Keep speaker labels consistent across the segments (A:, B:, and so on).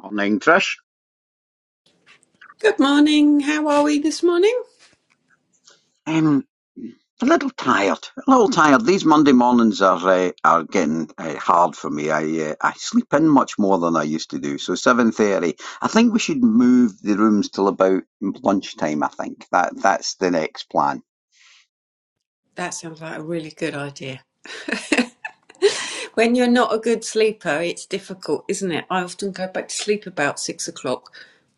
A: Morning, Trish.
B: Good morning. How are we this morning?
A: Um, a little tired. A little tired. These Monday mornings are uh, are getting uh, hard for me. I uh, I sleep in much more than I used to do. So seven thirty. I think we should move the rooms till about lunchtime. I think that that's the next plan.
B: That sounds like a really good idea. when you're not a good sleeper, it's difficult, isn't it? I often go back to sleep about six o'clock.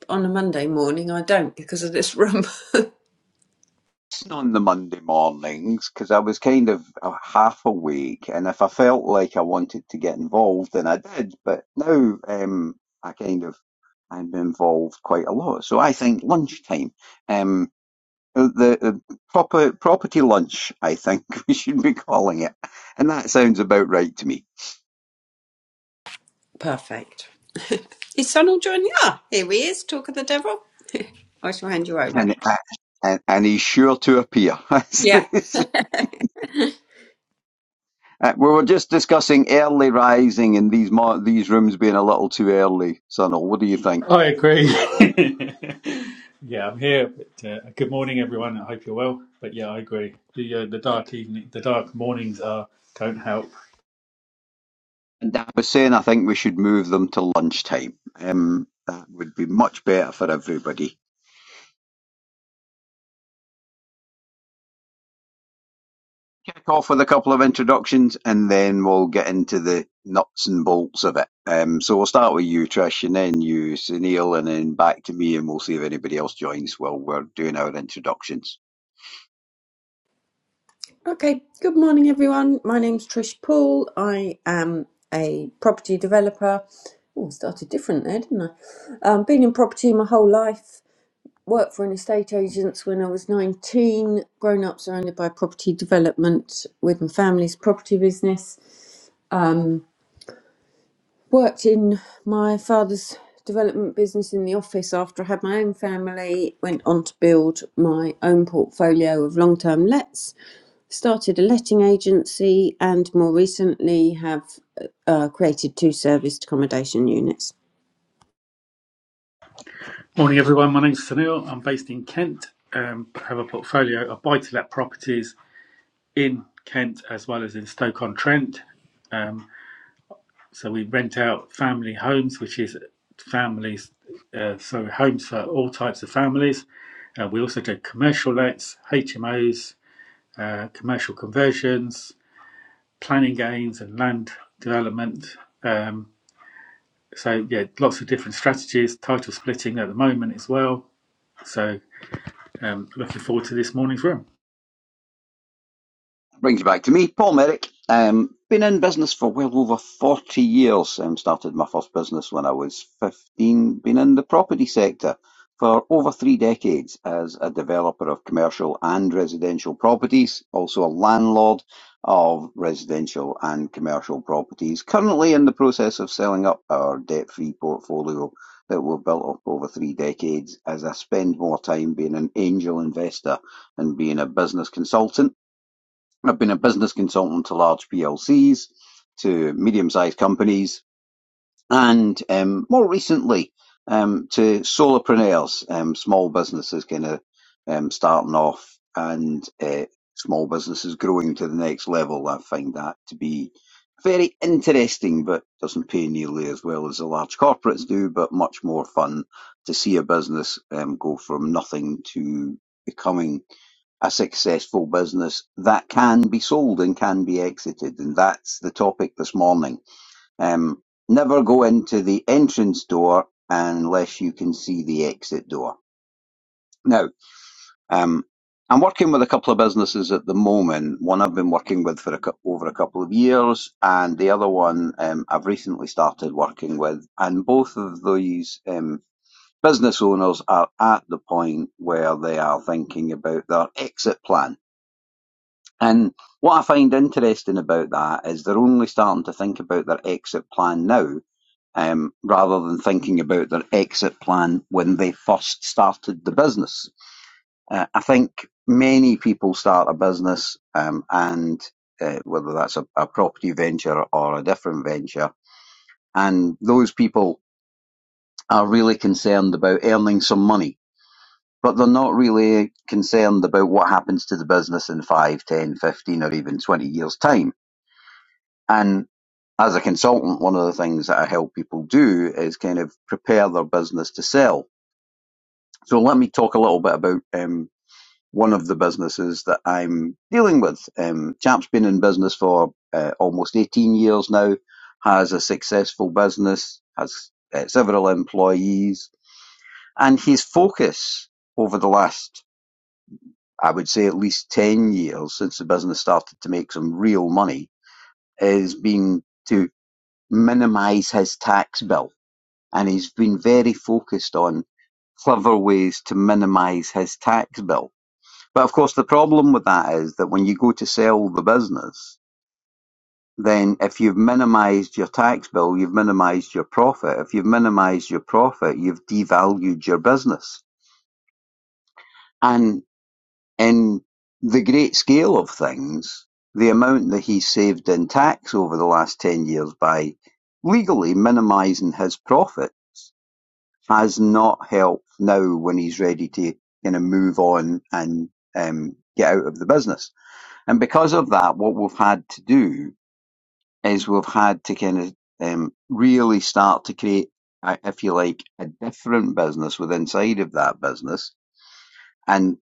B: On a Monday morning, I don't because of this room.
A: On the Monday mornings, because I was kind of uh, half awake, and if I felt like I wanted to get involved, then I did. But now um, I kind of I'm involved quite a lot. So I think lunchtime. Um. Uh, The uh, proper property lunch, I think we should be calling it, and that sounds about right to me.
B: Perfect. Is Sonal joining? Ah, here he is. Talk of the devil. I shall hand you over.
A: And uh, and, and he's sure to appear. As
B: Yeah.
A: they say. Uh, we were just discussing early rising and these mo- these rooms being a little too early. Sonal, what do you think?
C: I agree. yeah, I'm here. But, uh, good morning, everyone. I hope you're well. But yeah, I agree. The uh, the dark evening, the dark mornings are don't help.
A: And I was saying I think we should move them to lunchtime. Um, that would be much better for everybody. Kick off with a couple of introductions and then we'll get into the nuts and bolts of it. Um, so we'll start with you, Trish, and then you, Sunil, and then back to me, and we'll see if anybody else joins while we're doing our introductions.
B: Okay. Good morning, everyone. My name's Trish Poole. I am a property developer. Oh, started different there, didn't I? Um, been in property my whole life. worked for an estate agent when I was 19, grown up surrounded by property development with my family's property business. Um, worked in my father's development business in the office after I had my own family, went on to build my own portfolio of long term lets, started a letting agency, and more recently have uh, created two serviced accommodation units.
C: Morning, everyone. My name's Sunil. I'm based in Kent. Um, I have a portfolio of buy-to-let properties in Kent as well as in Stoke-on-Trent. Um, so we rent out family homes, which is families, uh, so homes for all types of families. Uh, we also do commercial lets, HMOs, uh, commercial conversions, planning gains and land development. Um, so yeah, lots of different strategies. Title splitting at the moment as well. So um, looking forward to this morning's room.
A: brings you back to me, Paul Merrick. Um, been in business for well over 40 years. Um, started my first business when I was 15. Been in the property sector for over three decades as a developer of commercial and residential properties, also a landlord of residential and commercial properties. Currently in the process of selling up our debt free portfolio that we've built up over three decades as I spend more time being an angel investor and being a business consultant. I've been a business consultant to large PLCs, to medium-sized companies, and um, more recently um, to solopreneurs, um, small businesses kind of um, starting off and uh, small businesses growing to the next level. I find that to be very interesting, but doesn't pay nearly as well as the large corporates do, but much more fun to see a business um, go from nothing to becoming a successful business that can be sold and can be exited. And that's the topic this morning. Um, never go into the entrance door unless you can see the exit door. Now, um, I'm working with a couple of businesses at the moment. One I've been working with for a, over a couple of years, and the other one um, I've recently started working with. And both of these um, business owners are at the point where they are thinking about their exit plan And what I find interesting about that is they're only starting to think about their exit plan now, um, rather than thinking about their exit plan when they first started the business. Uh, I think many people start a business, um, and uh, whether that's a, a property venture or a different venture, and those people are really concerned about earning some money. But they're not really concerned about what happens to the business in 5, 10, 15, or even 20 years' time. And as a consultant, one of the things that I help people do is kind of prepare their business to sell. So let me talk a little bit about um, one of the businesses that I'm dealing with. Um, Chap's been in business for uh, almost 18 years now, has a successful business, has uh, several employees, and his focus over the last, I would say, at least 10 years since the business started to make some real money, has been to minimize his tax bill and he's been very focused on clever ways to minimise his tax bill. But of course, the problem with that is that when you go to sell the business, then if you've minimised your tax bill, you've minimised your profit. If you've minimised your profit, you've devalued your business. And in the great scale of things, the amount that he saved in tax over the last 10 years by legally minimising his profit has not helped now when he's ready to kind of move on and um, get out of the business. And because of that, what we've had to do is we've had to kind of um, really start to create, uh, if you like, a different business with inside of that business. And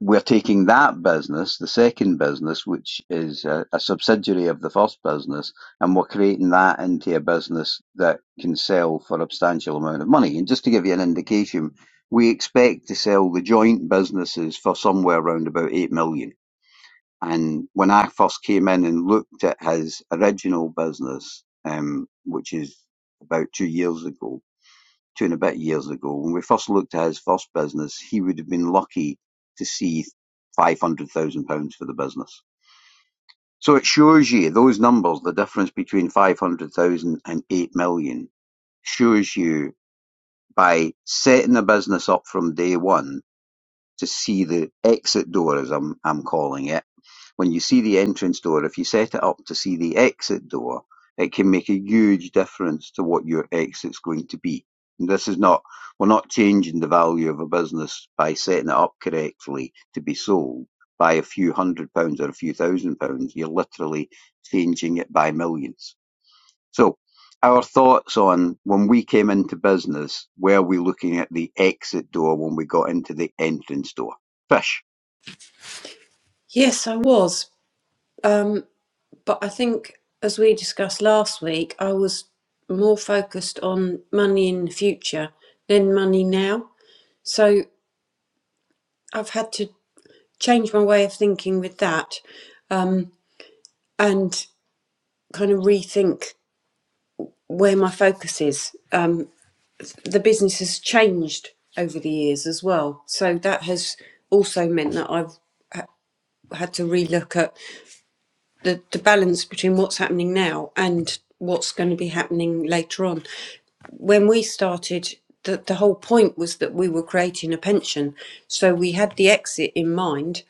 A: we're taking that business, the second business, which is a, a subsidiary of the first business, and we're creating that into a business that can sell for a substantial amount of money. And just to give you an indication, we expect to sell the joint businesses for somewhere around about 8 million. And when I first came in and looked at his original business, um, which is about two years ago, two and a bit years ago, when we first looked at his first business, he would have been lucky to see five hundred thousand pounds for the business. So it shows you those numbers, the difference between five hundred thousand and eight million, shows you by setting the business up from day one to see the exit door, as I'm, I'm calling it. When you see the entrance door, if you set it up to see the exit door, it can make a huge difference to what your exit's going to be. And this is not, we're not changing the value of a business by setting it up correctly to be sold by a few hundred pounds or a few thousand pounds. You're literally changing it by millions. So our thoughts on when we came into business, were we looking at the exit door when we got into the entrance door? Fish,
B: Yes, I was. Um, But I think, as we discussed last week, I was more focused on money in the future than money now. So I've had to change my way of thinking with that um, and kind of rethink where my focus is. Um, the business has changed over the years as well. So that has also meant that I've had to relook at the, the balance between what's happening now and what's going to be happening later on. when we started, the, the whole point was that we were creating a pension. So we had the exit in mind.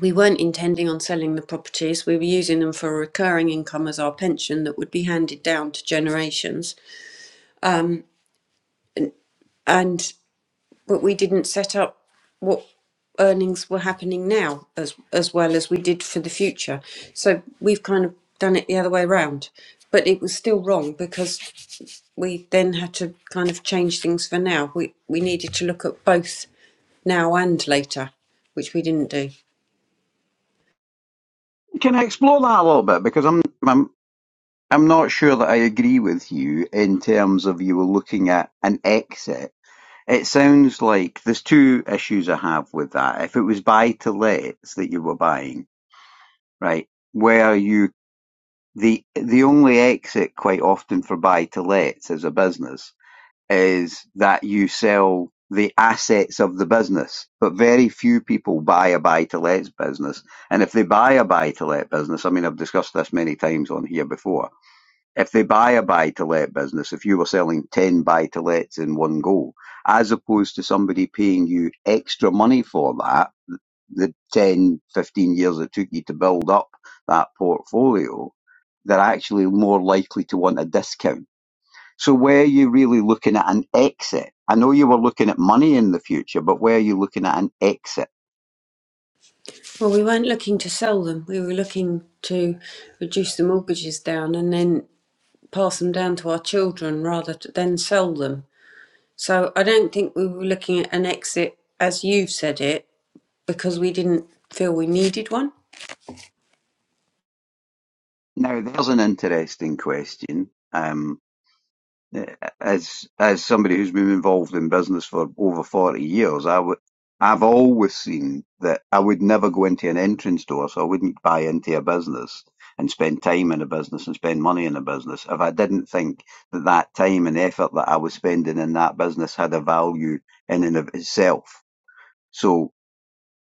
B: We weren't intending on selling the properties. We were using them for a recurring income as our pension that would be handed down to generations. And but we didn't set up what earnings were happening now as as well as we did for the future. So we've kind of done it the other way round, But it was still wrong because we then had to kind of change things for now. We we needed to look at both now and later, which we didn't do.
A: can I explore that a little bit? Because I'm, I'm, I'm not sure that I agree with you in terms of you were looking at an exit. It sounds like there's two issues I have with that. If it was buy to lets that you were buying, right, where you the the only exit quite often for buy to lets is a business is that you sell the assets of the business. But very few people buy a buy to let business. And if they buy a buy to let business, I mean, I've discussed this many times on here before. If they buy a buy to let business, if you were selling 10 buy to lets in one go, as opposed to somebody paying you extra money for that, the 10, 15 years it took you to build up that portfolio, they're actually more likely to want a discount so where are you really looking at an exit? I know you were looking at money in the future, but where are you looking at an exit?
B: Well, we weren't looking to sell them. We were looking to reduce the mortgages down and then pass them down to our children rather t- than sell them. So I don't think we were looking at an exit as you've said it because we didn't feel we needed one.
A: Now, there's an interesting question. Um, as as somebody who's been involved in business for over 40 years, I would I've always seen that I would never go into an entrance door, so I wouldn't buy into a business and spend time in a business and spend money in a business if I didn't think that that time and effort that I was spending in that business had a value in and of itself. So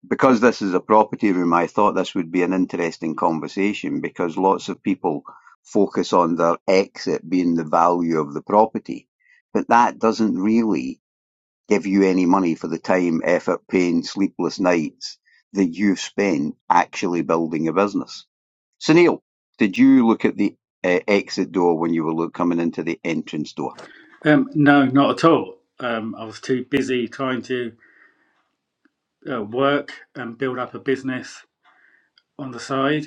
A: because this is a property room, I thought this would be an interesting conversation because lots of people focus on their exit being the value of the property. But that doesn't really give you any money for the time, effort, pain, sleepless nights that you've spent actually building a business. So, Neil, did you look at the uh, exit door when you were look, coming into the entrance door?
C: Um, no, not at all. Um, I was too busy trying to uh, work and build up a business on the side,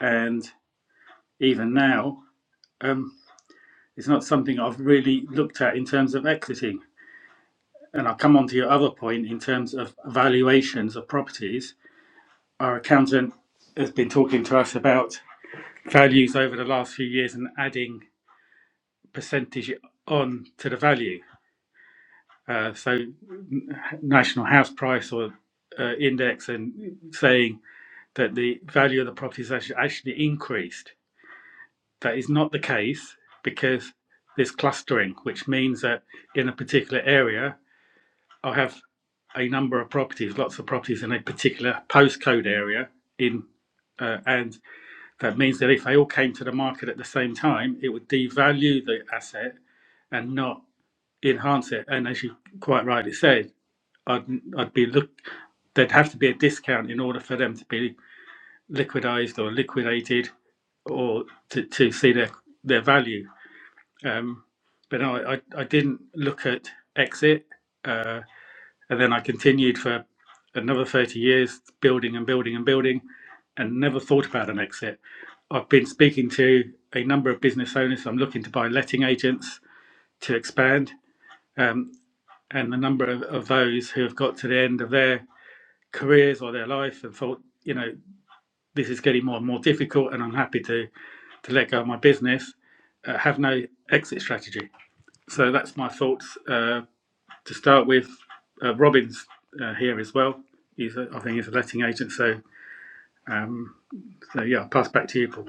C: and even now, um, it's not something I've really looked at in terms of exiting. And I'll come on to your other point in terms of valuations of properties. Our accountant has been talking to us about values over the last few years and adding percentage on to the value. Uh, so n- national house price or uh, index and saying that the value of the property is actually, actually increased. That is not the case because there's clustering, which means that in a particular area, I have a number of properties, lots of properties in a particular postcode area in uh, and That means that if they all came to the market at the same time, it would devalue the asset and not enhance it. And as you quite rightly said, I'd, I'd be look, there'd have to be a discount in order for them to be liquidized or liquidated or to, to see their, their value. Um, but no, I, I I didn't look at exit. Uh, and then I continued for another 30 years building and building and building and never thought about an exit. I've been speaking to a number of business owners. I'm looking to buy letting agents to expand. Um, and the number of, of those who have got to the end of their careers or their life and thought, you know, this is getting more and more difficult and I'm happy to, to let go of my business, uh, have no exit strategy. So that's my thoughts. Uh, to start with. Uh, Robin's uh, here as well. He's, a, I think, he's a letting agent. So, um, so yeah, I'll pass back to you, Paul.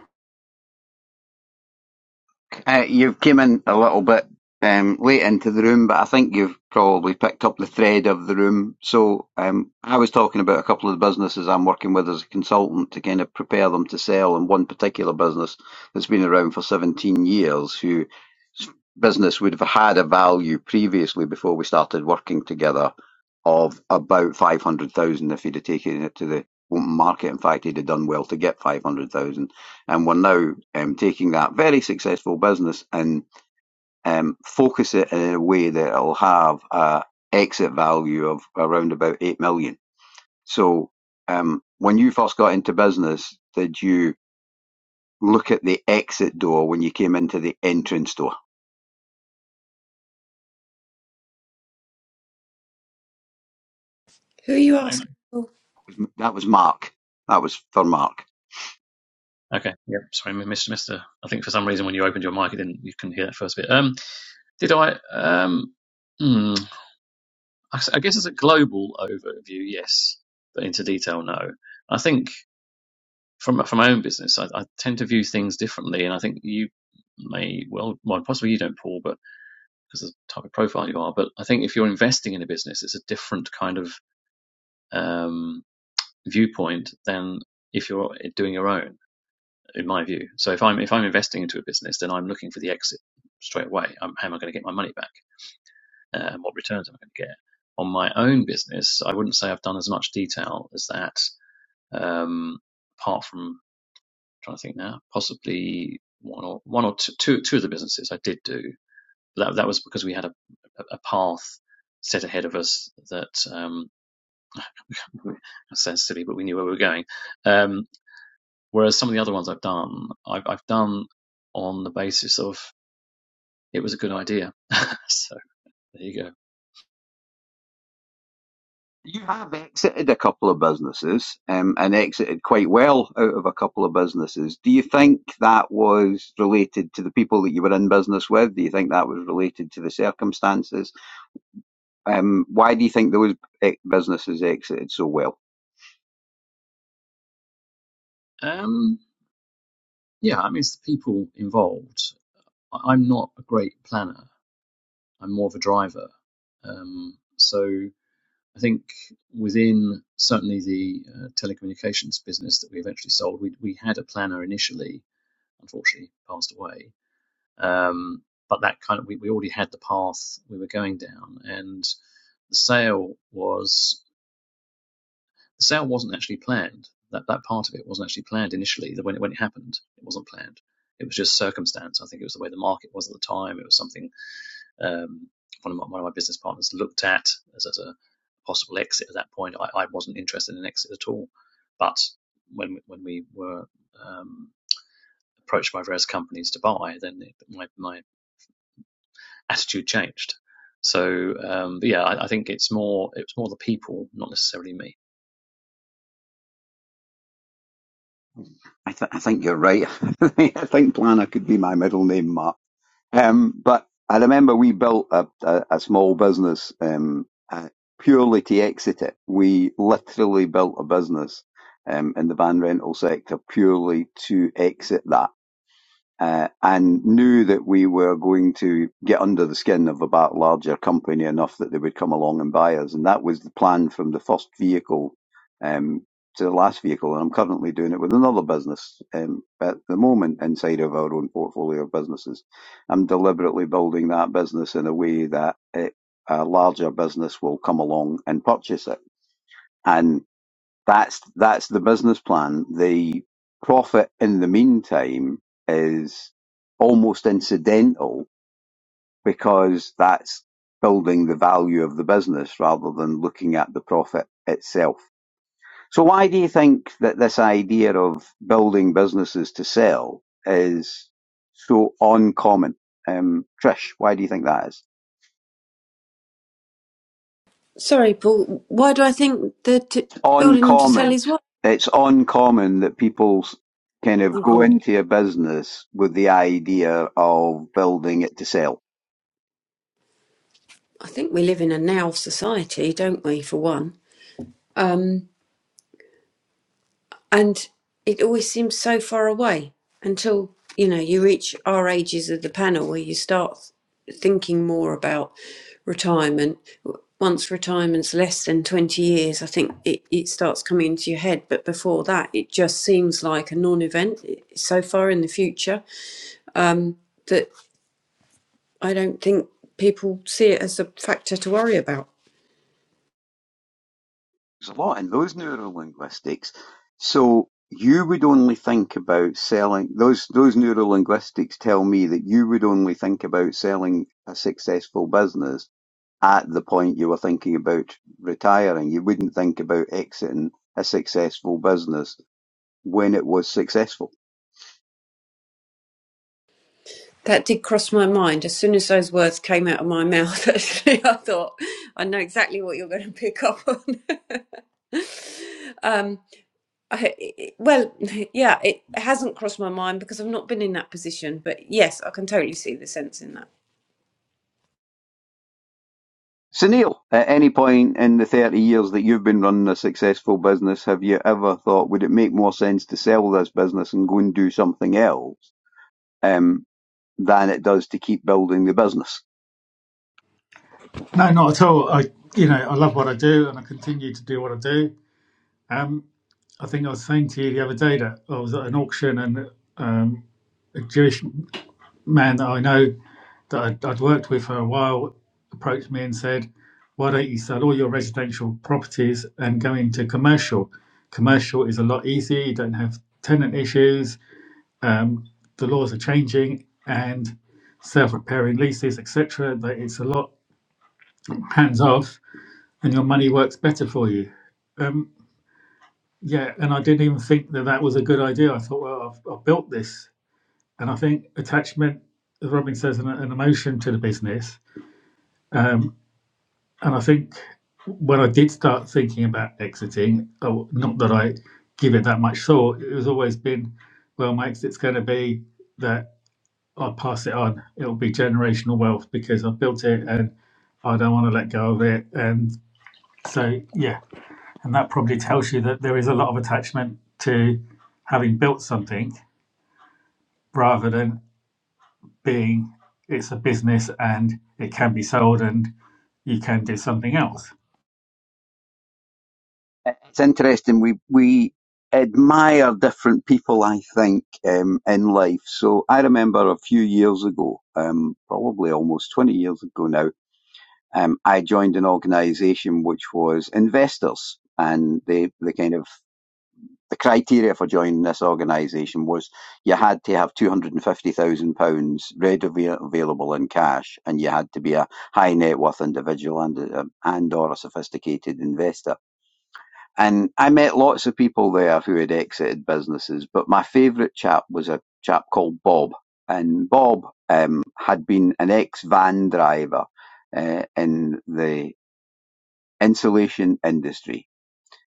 A: Uh, you've came in a little bit um, late into the room, but I think you've probably picked up the thread of the room. So um, I was talking about a couple of the businesses I'm working with as a consultant to kind of prepare them to sell, and one particular business that's been around for 17 years, whose business would have had a value previously before we started working together of about 500,000 if he'd have taken it to the open market. In fact, he'd have done well to get 500,000 and we're now um, taking that very successful business and um, focus it in a way that it'll have a exit value of around about eight million. So, um, when you first got into business, did you look at the exit door when you came into the entrance door?
B: Who are you asking?
A: That was Mark. That was for Mark.
D: Okay. Yep. Sorry, Mr. missed, I think for some reason when you opened your mic, it didn't. You couldn't hear that first bit. Um, did I? Um, hmm, I I guess as a global overview, yes, but into detail, no. I think from from my own business, I, I tend to view things differently, and I think you may well, well, possibly you don't, Paul, but because of the type of profile you are. But I think if you're investing in a business, it's a different kind of um, viewpoint than if you're eh, doing your own. in my view. So if I'm if I'm investing into a business, then I'm looking for the exit straight away. Um how am I going to get my money back, uh, and what returns am I going to get? On my own business, I wouldn't say I've done as much detail as that. Um, apart from I'm trying to think now, possibly one or one or two, two, two of the businesses I did do. That that was because we had a a path set ahead of us that um, that sounds silly, but we knew where we were going. Um, whereas some of the other ones I've done, I've, I've done on the basis of it was a good idea. so there you go.
A: You have exited a couple of businesses, um, and exited quite well out of a couple of businesses. Do you think that was related to the people that you were in business with? Do you think that was related to the circumstances? Um, why do you think those e- businesses exited so well?
D: Um, yeah, I mean, it's the people involved. I- am not a great planner. I'm more of a driver. Um, so I think within certainly the uh, telecommunications business that we eventually sold, we we had a planner initially. Unfortunately, passed away. Um, but that kind of we, we already had the path we were going down, and the sale was the sale wasn't actually planned. That that part of it wasn't actually planned initially. That when it when it happened, it wasn't planned. It was just circumstance. I think it was the way the market was at the time. It was something um, one of my, one of my business partners looked at as, as a possible exit at that point. I, I wasn't interested in an exit at all, but when when we were um, approached by various companies to buy, then it, my my attitude changed. So um, but yeah, I, I think it's more it's more the people, not necessarily me.
A: I, th- I think you're right. I think Planner could be my middle name, Mark. Um, but I remember we built a, a, a small business um, uh, purely to exit it. We literally built a business um, in the van rental sector purely to exit that uh, and knew that we were going to get under the skin of about larger company enough that they would come along and buy us. And that was the plan from the first vehicle um, to the last vehicle. And I'm currently doing it with another business um, at the moment inside of our own portfolio of businesses. I'm deliberately building that business in a way that it, a larger business will come along and purchase it. and. That's that's the business plan. The profit in the meantime is almost incidental because that's building the value of the business rather than looking at the profit itself. So why do you think that this idea of building businesses to sell is so uncommon? Um, Trish, why do you think that is?
B: Sorry, Paul. Why do I think that building them to sell
A: uncommon.
B: is
A: It's uncommon that people kind of go
B: what?
A: into a business with the idea of building it to sell.
B: I think we live in a now society, don't we, for one? Um, and it always seems so far away until, you know, you reach our ages of the panel where you start thinking more about retirement. W- Once retirement's less than 20 years, I think it, it starts coming into your head. But before that, it just seems like a non event. It's so far in the future um, that I don't think people see it as a factor to worry about.
A: There's a lot in those neurolinguistics. So you would only think about selling those those neurolinguistics tell me that you would only think about selling a successful business at the point you were thinking about retiring. You wouldn't think about exiting a successful business when it was successful.
B: That did cross my mind as soon as those words came out of my mouth. Actually, I thought I know exactly what you're going to pick up on. um, I, it- well, yeah, it hasn't crossed my mind because I've not been in that position. But yes, I can totally see the sense in that.
A: So Neil, at any point in the 30 years that you've been running a successful business, have you ever thought, would it make more sense to sell this business and go and do something else um, than it does to keep building the business?
C: No, not at all. I, you know, I love what I do, and I continue to do what I do. Um, I think I was saying to you the other day that I was at an auction, and um, a Jewish man that I know that I'd, I'd worked with for a while approached me and said, "Why don't you sell all your residential properties and go into commercial? Commercial is a lot easier. You don't have tenant issues. um, the laws are changing and self-repairing leases, etc. That it's a lot hands-off, and your money works better for you. Um, yeah, and I didn't even think that that was a good idea. I thought, well, I've, I've built this, and I think attachment, as Robin says, an, an emotion to the business. Um, and I think when I did start thinking about exiting, oh, not that I give it that much thought, it was always been, well, my exit's going to be that I'll pass it on. It'll be generational wealth because I've built it and I don't want to let go of it. And so, yeah, and that probably tells you that there is a lot of attachment to having built something rather than being it's a business and it can be sold and you can do something else.
A: It's interesting. We, we admire different people, I think, um, in life. So I remember a few years ago, um, probably almost 20 years ago now, um, I joined an organization which was investors and they they kind of the criteria for joining this organisation was you had to have two hundred and fifty thousand pounds readily available in cash, and you had to be a high net worth individual and um, and or a sophisticated investor. And I met lots of people there who had exited businesses, but my favourite chap was a chap called Bob, and Bob um, had been an ex van driver uh, in the insulation industry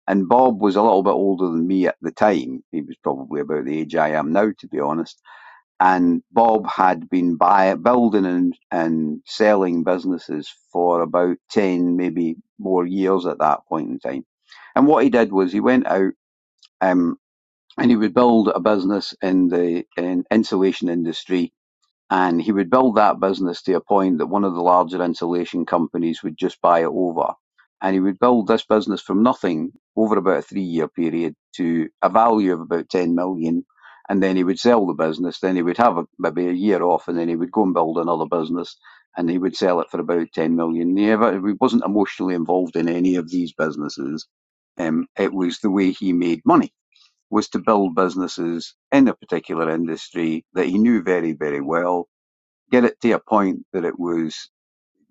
A: and Bob was a little bit older than me at the time. He was probably about the age I am now, to be honest. And Bob had been buy, building and, and selling businesses for about 10, maybe more years at that point in time. And what he did was he went out um, and he would build a business in the in insulation industry and he would build that business to a point that one of the larger insulation companies would just buy it over. And he would build this business from nothing over about a three year period to a value of about 10 million. And then he would sell the business. Then he would have a, maybe a year off and then he would go and build another business and he would sell it for about 10 million. He, never, he wasn't emotionally involved in any of these businesses. Um, it was the way he made money was to build businesses in a particular industry that he knew very, very well get it to a point that it was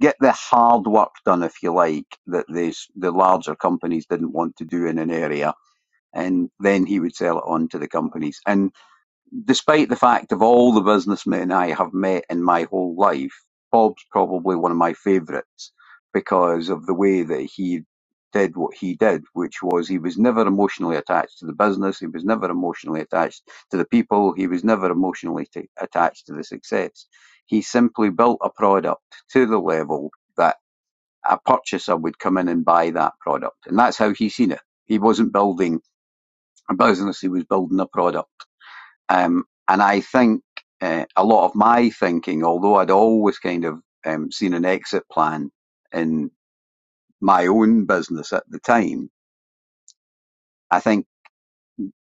A: get the hard work done, if you like, that these the larger companies didn't want to do in an area, and then he would sell it on to the companies. And despite the fact of all the businessmen I have met in my whole life, Bob's probably one of my favourites because of the way that he did what he did, which was he was never emotionally attached to the business, he was never emotionally attached to the people, he was never emotionally ta attached to the success. He simply built a product to the level that a purchaser would come in and buy that product. And that's how he seen it. He wasn't building a business, he was building a product. Um, and I think uh, a lot of my thinking, although I'd always kind of um, seen an exit plan in my own business at the time, I think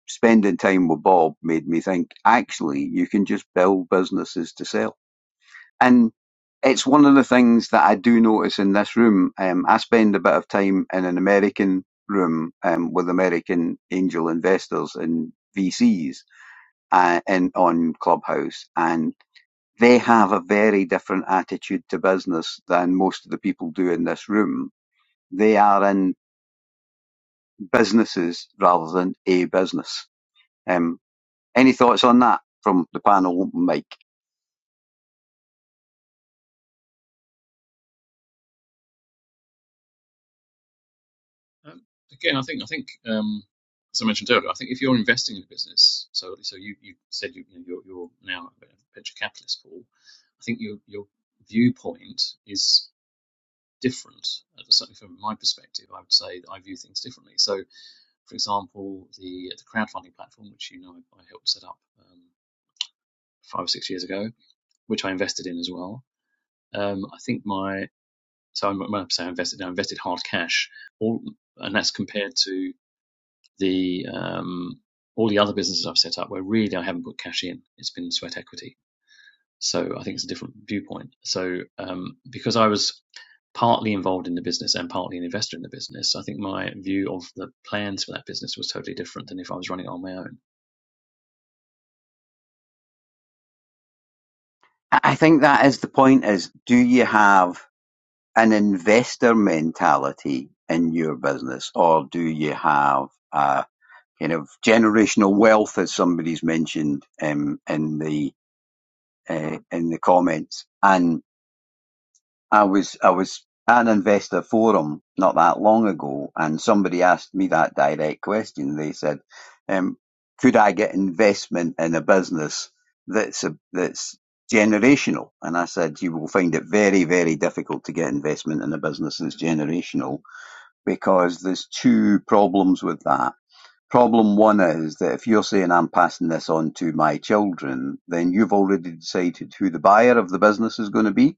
A: spending time with Bob made me think actually you can just build businesses to sell. And it's one of the things that I do notice in this room. Um, I spend a bit of time in an American room um, with American angel investors and VCs uh, in on Clubhouse, and they have a very different attitude to business than most of the people do in this room. They are in businesses rather than a business. Um, any thoughts on that from the panel, Mike?
D: Um, again, I think I think um, as I mentioned earlier, I think if you're investing in a business, so so you, you said you, you know, you're you're now a venture capitalist, Paul. I think your your viewpoint is different. Uh, Certainly from my perspective, I would say that I view things differently. So, for example, the the crowdfunding platform, which you know I helped set up um, five or six years ago, which I invested in as well. Um, I think my so I'm, when I say I invested, I invested hard cash, all, and that's compared to the um, all the other businesses I've set up where really I haven't put cash in. It's been sweat equity. So I think it's a different viewpoint. So um, because I was partly involved in the business and partly an investor in the business, I think my view of the plans for that business was totally different than if I was running it on my own.
A: I I think that is the point is do you have an investor mentality in your business or do you have a kind of generational wealth as somebody's mentioned um, in the uh, in the comments and I was I was at an investor forum not that long ago, and somebody asked me that direct question. They said, um, "Could I get investment in a business that's a, that's generational?" And I said, "You will find it very very difficult to get investment in a business that's generational because there's two problems with that." Problem one is that if you're saying I'm passing this on to my children, then you've already decided who the buyer of the business is going to be.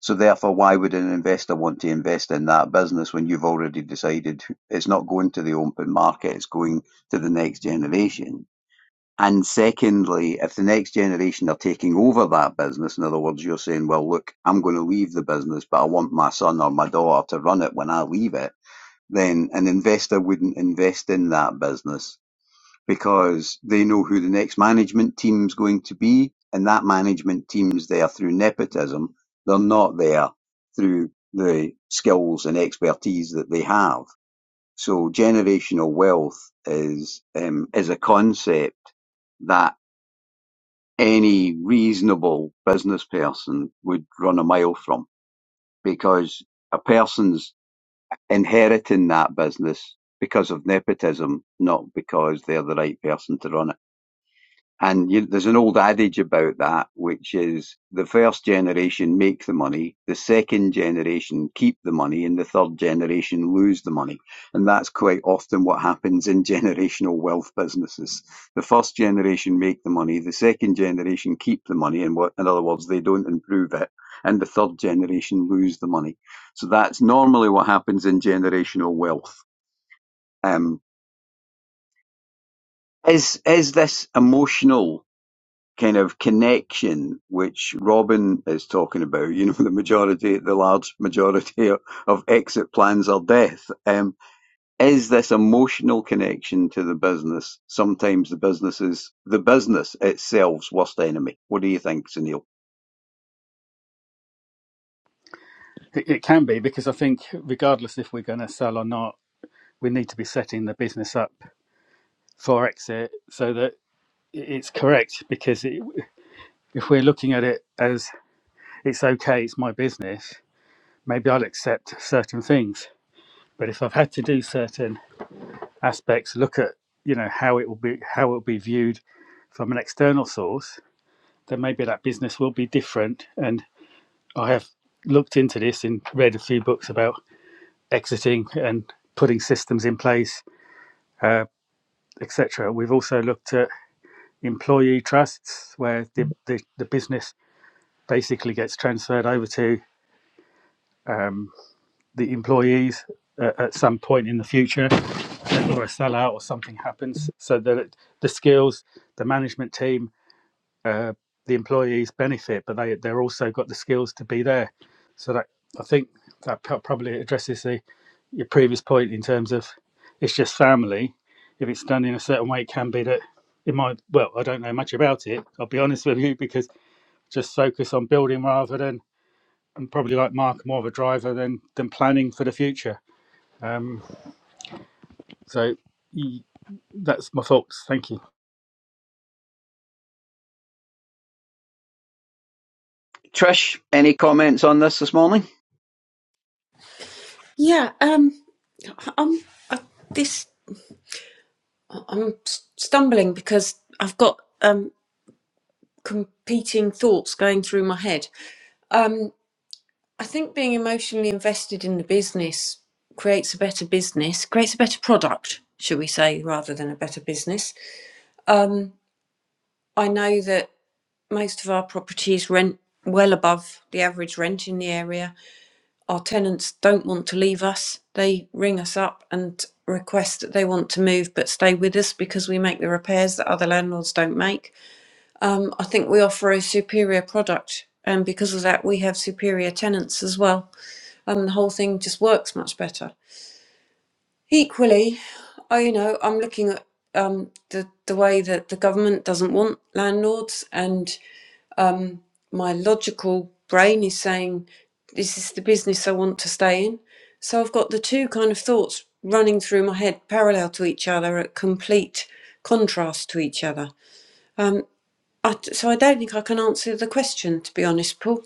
A: So therefore, why would an investor want to invest in that business when you've already decided it's not going to the open market, it's going to the next generation? And secondly, if the next generation are taking over that business, in other words, you're saying, well, look, I'm going to leave the business, but I want my son or my daughter to run it when I leave it, then an investor wouldn't invest in that business because they know who the next management team's going to be, and that management team's there through nepotism. They're not there through the skills and expertise that they have. So generational wealth is um, is a concept that any reasonable business person would run a mile from because a person's inheriting that business because of nepotism, not because they're the right person to run it. And you, there's an old adage about that, which is the first generation make the money, the second generation keep the money, and the third generation lose the money. And that's quite often what happens in generational wealth businesses. The first generation make the money, the second generation keep the money, and what, in other words, they don't improve it, and the third generation lose the money. So that's normally what happens in generational wealth. Um, is is this emotional? kind of connection which Robin is talking about. You know, the majority, the large majority of exit plans are death. Um, is this emotional connection to the business sometimes the business is the business itself's worst enemy? What do you think, Sunil?
C: It, it can be because I think, regardless if we're going to sell or not, we need to be setting the business up for exit so that i- it's correct. Because it, if we're looking at it as it's okay, it's my business, maybe I'll accept certain things. But if I've had to do certain aspects, look at you know how it will be how it will be viewed from an external source, then maybe that business will be different. And I have looked into this and read a few books about exiting and putting systems in place, uh, etc. We've also looked at employee trusts where the, the, the business basically gets transferred over to um, the employees uh, at some point in the future or a sellout or something happens so that the skills the management team uh, the employees benefit but they they're also got the skills to be there so that i think that probably addresses the your previous point in terms of it's just family if it's done in a certain way it can be that it might well i don't know much about it i'll be honest with you because just focus on building rather than and probably like mark more of a driver than than planning for the future um so that's my thoughts thank you
A: Trish, any comments on this this morning?
B: Yeah, um, I- am I, this. I'm stumbling because I've got um competing thoughts going through my head. Um, I think being emotionally invested in the business creates a better business, creates a better product, shall we say, rather than a better business. Um, I know that most of our properties rent well above the average rent in the area. Our tenants don't want to leave us. They ring us up and request that they want to move but stay with us because we make the repairs that other landlords don't make. Um, I think we offer a superior product, and because of that, we have superior tenants as well. and the whole thing just works much better. Equally, I you know I'm looking at um, the the way that the government doesn't want landlords, and my logical brain is saying this is the business I want to stay in. So I've got the two kind of thoughts running through my head parallel to each other at complete contrast to each other. Um, I, so I don't think I can answer the question to be honest, Paul.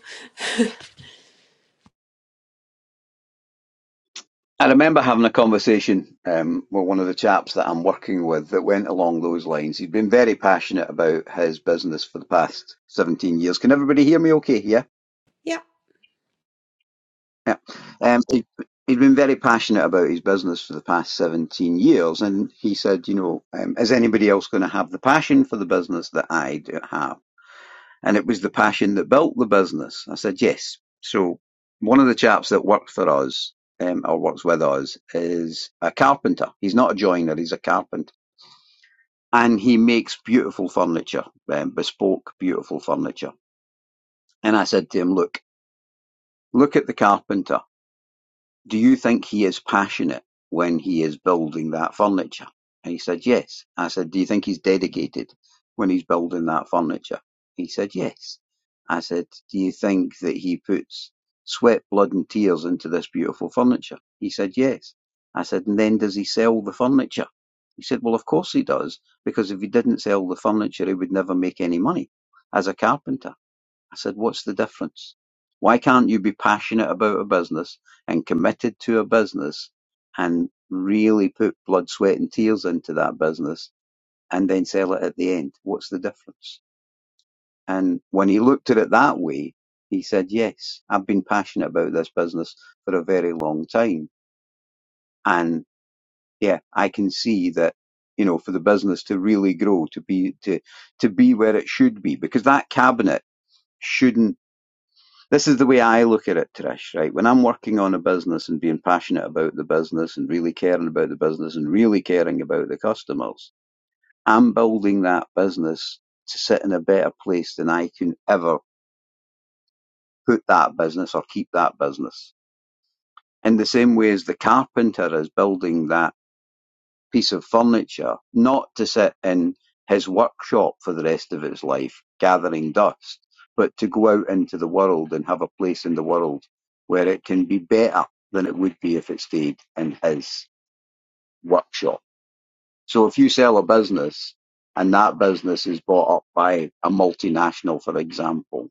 A: I remember having a conversation um, with one of the chaps that I'm working with that went along those lines. He'd been very passionate about his business for the past 17 years. Can everybody hear me okay? yeah.
B: Yeah.
A: Yeah. Um, he, he'd been very passionate about his business for the past 17 years. And he said, you know, um, is anybody else going to have the passion for the business that I do have? And it was the passion that built the business. I said, yes. So one of the chaps that worked for us um, or works with us is a carpenter. He's not a joiner, he's a carpenter. And he makes beautiful furniture, um, bespoke, beautiful furniture. And I said to him, look, look at the carpenter do you think he is passionate when he is building that furniture? And he said, yes. I said, do you think he's dedicated when he's building that furniture? He said, yes. I said, do you think that he puts sweat, blood and tears into this beautiful furniture? He said, yes. I said, and then does he sell the furniture? He said, well, of course he does, because if he didn't sell the furniture, he would never make any money as a carpenter. I said, what's the difference? Why can't you be passionate about a business and committed to a business and really put blood, sweat and tears into that business and then sell it at the end? What's the difference? And when he looked at it that way, he said, yes, I've been passionate about this business for a very long time. And yeah, I can see that, you know, for the business to really grow, to be, to, to be where it should be, because that cabinet shouldn't this is the way I look at it, Trish, right? When I'm working on a business and being passionate about the business and really caring about the business and really caring about the customers, I'm building that business to sit in a better place than I can ever put that business or keep that business. In the same way as the carpenter is building that piece of furniture, not to sit in his workshop for the rest of his life gathering dust, but to go out into the world and have a place in the world where it can be better than it would be if it stayed in his workshop. So if you sell a business and that business is bought up by a multinational, for example,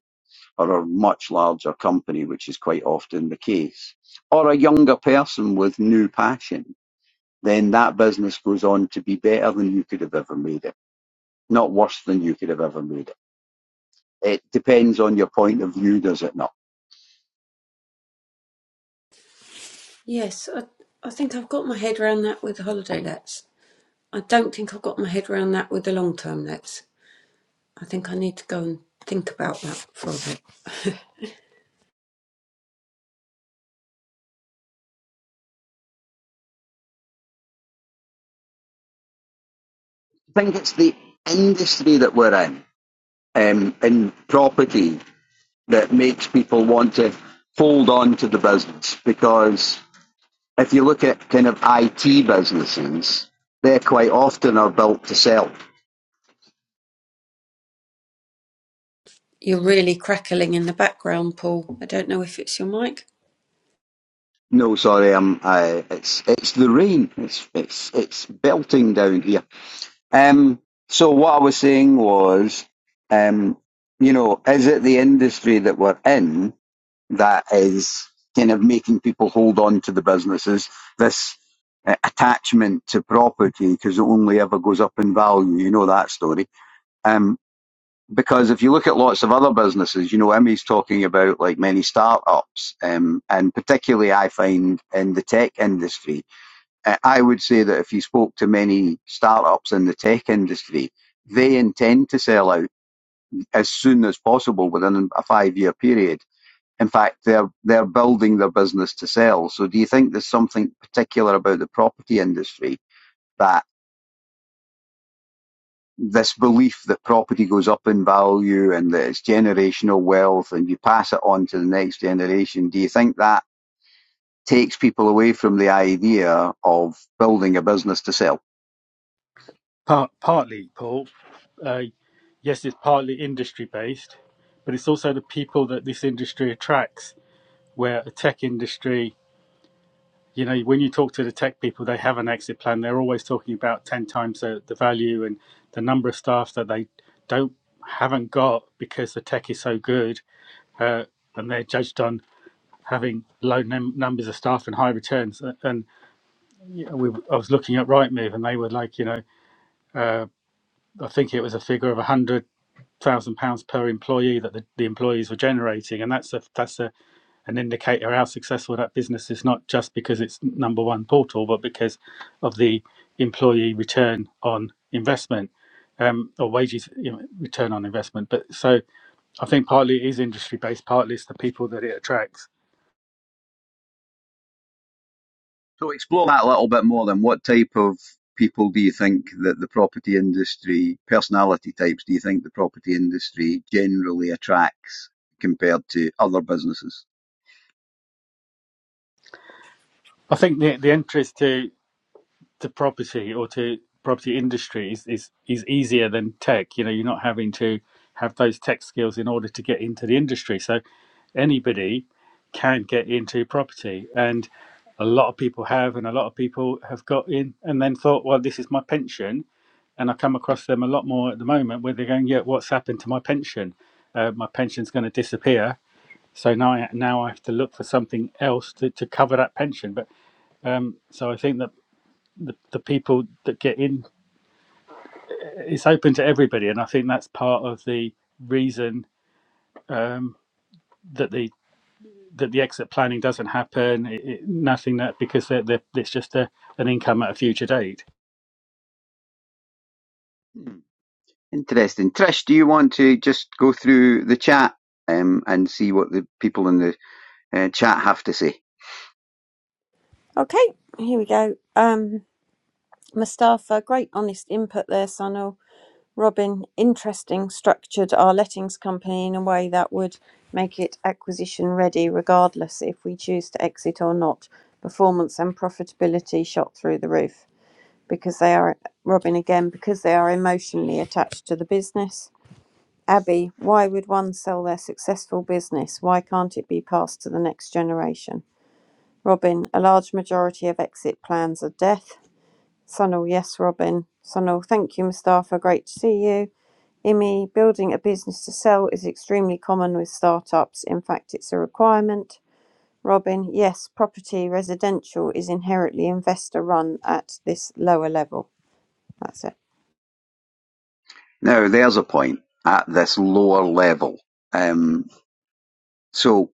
A: or a much larger company, which is quite often the case, or a younger person with new passion then that business goes on to be better than you could have ever made it, not worse than you could have ever made it. It depends on your point of view, does it not?
B: Yes, I, I think I've got my head around that with the holiday lets. I don't think I've got my head around that with the long term nets. I think I need to go and think about that for a bit.
A: I think it's the industry that we're in, um, in property, that makes people want to hold on to the business because if you look at kind of IT businesses, they quite often are built to sell.
B: You're really crackling in the background, Paul. I don't know if it's your mic.
A: No, sorry, I'm, I, it's it's the rain. It's it's it's belting down here. Um, so what I was saying was, um, you know, is it the industry that we're in that is kind of making people hold on to the businesses? This uh, attachment to property because it only ever goes up in value. You know that story. Um, because if you look at lots of other businesses, you know, Emmy's talking about like many startups, um, and particularly I find in the tech industry. Uh, I would say that if you spoke to many startups in the tech industry, they intend to sell out as soon as possible within a five year period. In fact, they're, they're building their business to sell. So do you think there's something particular about the property industry that this belief that property goes up in value and that it's generational wealth and you pass it on to the next generation? Do you think that takes people away from the idea of building a business to sell?
C: Part, partly, Paul. Uh, yes, it's partly industry based, but it's also the people that this industry attracts. Where a tech industry, you know, when you talk to the tech people, they have an exit plan. They're always talking about 10 times the, the value and the number of staff that they don't haven't got because the tech is so good. Uh, and they're judged on having low num- numbers of staff and high returns. Uh, And you know, we, I was looking at Rightmove and they were like, you know, I think it was a figure of 100 thousand pounds per employee that the, the employees were generating, and that's a that's a an indicator how successful that business is. Not just because it's number one portal, but because of the employee return on investment um, or wages you know, return on investment. But so I think partly it is industry based, partly it's the people that it attracts.
A: So explore that a little bit more then. What type of people do you think that the property industry, personality types, do you think the property industry generally attracts compared to other businesses?
C: I think the the entries to to property or to property industry is, is is easier than tech. You know, you're not having to have those tech skills in order to get into the industry. So anybody can get into property, and a lot of people have, and a lot of people have got in, and then thought, well, this is my pension. And I come across them a lot more at the moment where they're going, yeah, what's happened to my pension? Uh, my pension's going to disappear. So now I, now I have to look for something else to, to cover that pension. But um, so I think that the, the people that get in it's open to everybody, and I think that's part of the reason um, that the that the exit planning doesn't happen. It, it, nothing that because they're, they're, it's just a, an income at a future date.
A: Hmm. Interesting. Trish, do you want to just go through the chat um, and see what the people in the uh, chat have to say?
B: Okay, here we go. Um, Mustafa, great honest input there, Sunil. Robin, interesting structured our lettings company in a way that would make it acquisition ready regardless if we choose to exit or not. Performance and profitability shot through the roof. because they are Robin again because they are emotionally attached to the business. Abby, why would one sell their successful business? Why can't it be passed to the next generation? Robin, a large majority of exit plans are death. Sunil, yes, Robin. Sunil, thank you, Mustafa. Great to see you. Imi, building a business to sell is extremely common with startups. In fact, it's a requirement. Robin, yes, property residential is inherently investor run at this lower level. That's it.
A: Now, there's a point at this lower level. Um, so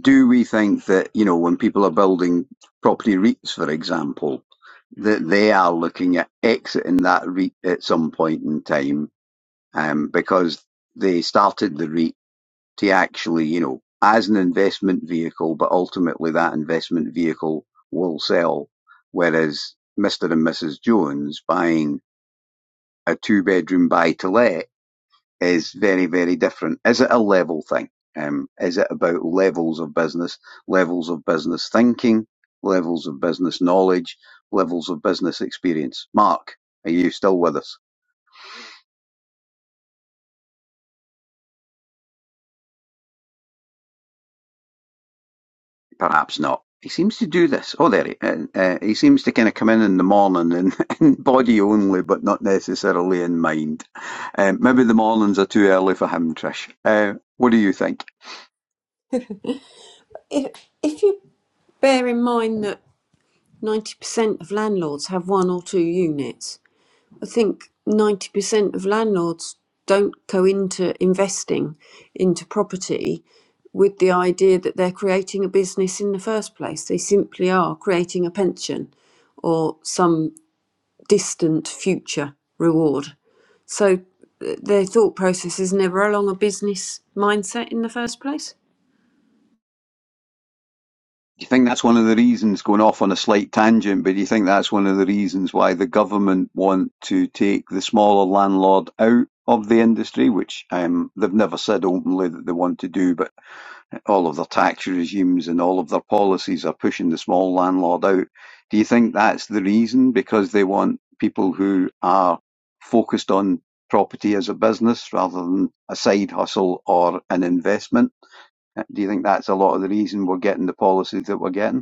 A: do we think that you know when people are building property REITs, for example, that they are looking at exiting that REIT at some point in time um, because they started the REIT to actually you know as an investment vehicle, but ultimately that investment vehicle will sell, whereas Mister and Mrs Jones buying a two bedroom buy to let is very, very different. Is it a level thing? Um, is it about levels of business, levels of business thinking, levels of business knowledge, levels of business experience? Mark, are you still with us? Perhaps not. He seems to do this. Oh, there he. Uh, uh, he seems to kind of come in in the morning in, in body only, but not necessarily in mind. Um, maybe the mornings are too early for him, Trish. Uh, what do you think?
B: If if you bear in mind that ninety percent of landlords have one or two units, I think ninety percent of landlords don't go into investing into property with the idea that they're creating a business in the first place. They simply are creating a pension or some distant future reward. So uh, their thought process is never along a business mindset in the first place.
A: Do you think that's one of the reasons, going off on a slight tangent, but do you think that's one of the reasons why the government want to take the smaller landlord out of the industry, which um, they've never said openly that they want to do, but all of their tax regimes and all of their policies are pushing the small landlord out. Do you think that's the reason? Because they want people who are focused on property as a business rather than a side hustle or an investment? Do you think that's a lot of the reason we're getting the policies that we're getting?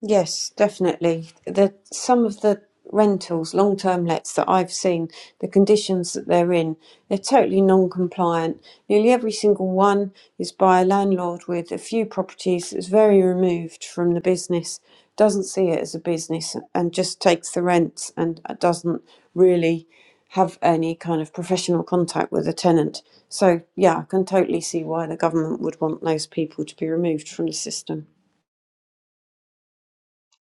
B: Yes, definitely. The some of the rentals, long-term lets that I've seen, the conditions that they're in, they're totally non-compliant. Nearly every single one is by a landlord with a few properties that's very removed from the business, doesn't see it as a business, and just takes the rents and doesn't really have any kind of professional contact with the tenant. So, yeah, I can totally see why the government would want those people to be removed from the system.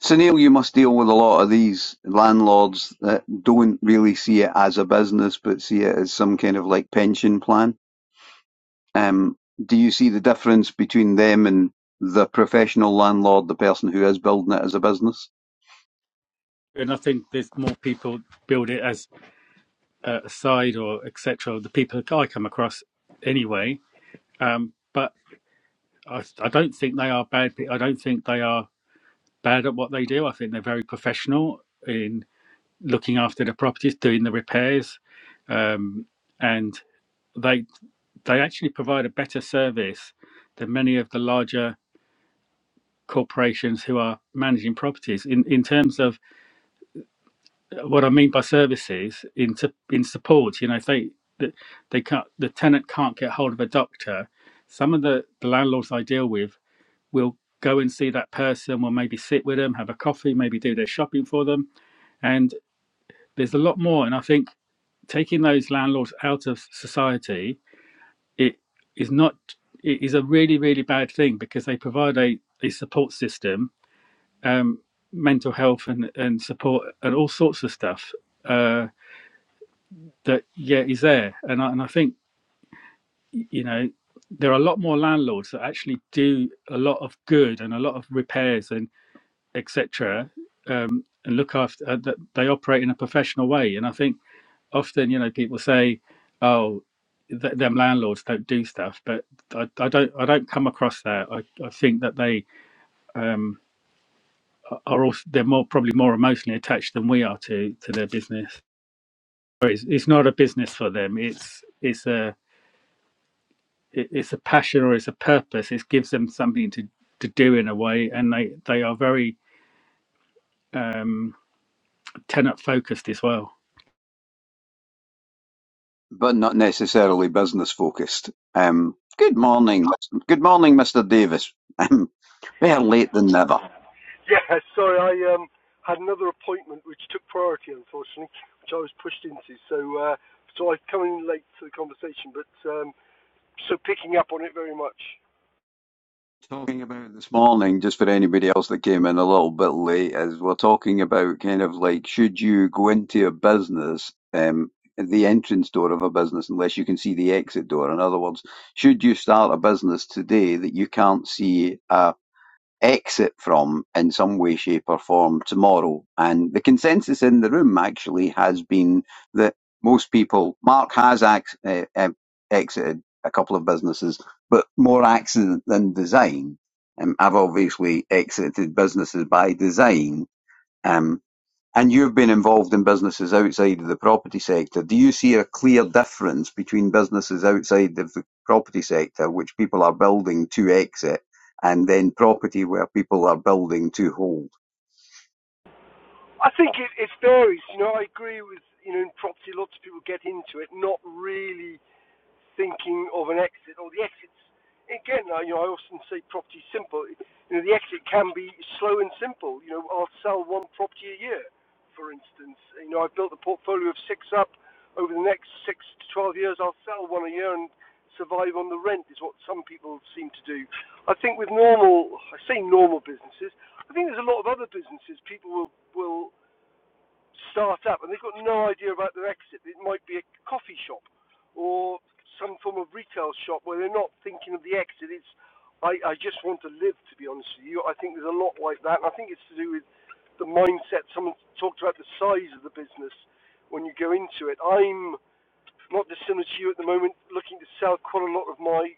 A: So Neil, you must deal with a lot of these landlords that don't really see it as a business, but see it as some kind of like pension plan. Um, do you see the difference between them and the professional landlord, the person who is building it as a business,
C: And I think there's more people build it as a side or etc. The people that I come across anyway, um, but I, I don't think they are bad. pe- I don't think they are bad at what they do. I think they're very professional in looking after the properties, doing the repairs, um, and they they actually provide a better service than many of the larger corporations who are managing properties in, in terms of uh, what I mean by services in in support. You know, if they they can't the tenant can't get hold of a doctor, some of the, the landlords I deal with will go and see that person, will maybe sit with them, have a coffee, maybe do their shopping for them, and there's a lot more. And I think taking those landlords out of society it is not it is a really really bad thing because they provide a, a support system um mental health and and support and all sorts of stuff uh that yeah is there and I, and I think you know there are a lot more landlords that actually do a lot of good and a lot of repairs and etc um and look after uh, that they operate in a professional way and I think often, you know, people say, "Oh, th- them landlords don't do stuff," but I, I don't. I don't come across that. I, I think that they um, are also they're more probably more emotionally attached than we are to to their business. Or It's, it's not a business for them. It's it's a it- it's a passion or it's a purpose. It gives them something to to do in a way, and they they are very um, tenant focused as well.
A: but not necessarily business focused? Um, good morning, good morning, Mister Davis. better late than never.
E: Yeah, sorry, I um, had another appointment which took priority, unfortunately, which I was pushed into. So, uh, so I come in late to the conversation, but um, so picking up on it very much.
A: talking about this morning, just for anybody else that came in a little bit late, is we're talking about kind of like should you go into a business, um, the entrance door of a business, unless you can see the exit door. In other words, should you start a business today that you can't see? a exit from in some way, shape, or form tomorrow. And the consensus in the room actually has been that most people, Mark has ax, uh, uh, exited a couple of businesses, but more accident than design. Um, I've obviously exited businesses by design. Um, and you've been involved in businesses outside of the property sector. Do you see a clear difference between businesses outside of the property sector, which people are building to exit, and then property where people are building to hold?
E: I think it, it varies. You know, I agree with you know in property, lots of people get into it, not really thinking of an exit or the exits. Again, you know, I often say property simple. You know, the exit can be slow and simple. You know, I'll sell one property a year, for instance. You know, I've built a portfolio of six up. Over the next six to 12 years, I'll sell one a year and survive on the rent, is what some people seem to do. I think with normal, I say normal businesses, I think there's a lot of other businesses people will, will start up, and they've got no idea about their exit. It might be a coffee shop or some form of retail shop where they're not thinking of the exit. It's I, I just want to live, to be honest with you. I think there's a lot like that, and I think it's to do with the mindset. Someone talked about the size of the business when you go into it. I'm not dissimilar to you at the moment, looking to sell quite a lot of my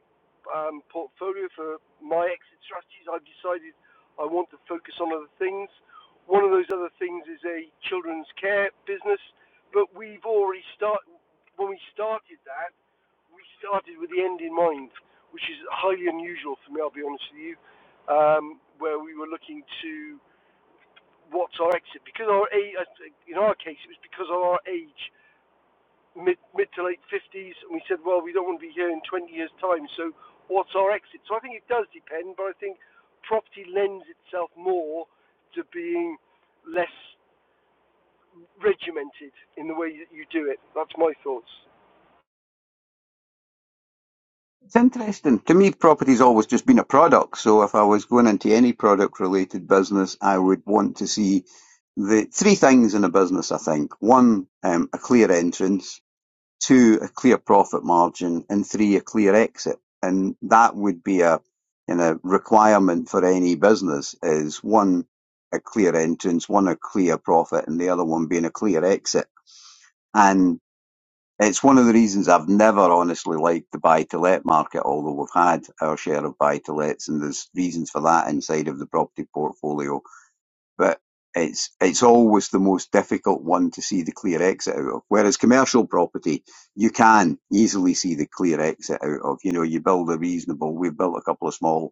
E: um, portfolio for my exit strategies. I've decided I want to focus on other things. One of those other things is a children's care business, but we've already started. When we started that, we started with the end in mind, which is highly unusual for me. I'll be honest with you, um, where we were looking to what's our exit because our age, in our case, it was because of our age mid mid to late 50s, and we said, well, we don't want to be here in 20 years' time, so what's our exit? So I think it does depend, but I think property lends itself more to being less regimented in the way that you do it. That's my thoughts.
A: It's interesting. To me, property's always just been a product. So if I was going into any product related business, I would want to see the three things in a business, I think. One, um, a clear entrance two, a clear profit margin, and three, a clear exit. And that would be a, you know, requirement for any business is one, a clear entrance, one, a clear profit, and the other one being a clear exit. And it's one of the reasons I've never honestly liked the buy to let market, although we've had our share of buy to lets, and there's reasons for that inside of the property portfolio but it's it's always the most difficult one to see the clear exit out of. Whereas commercial property, you can easily see the clear exit out of. You know, you build a reasonable. We've built a couple of small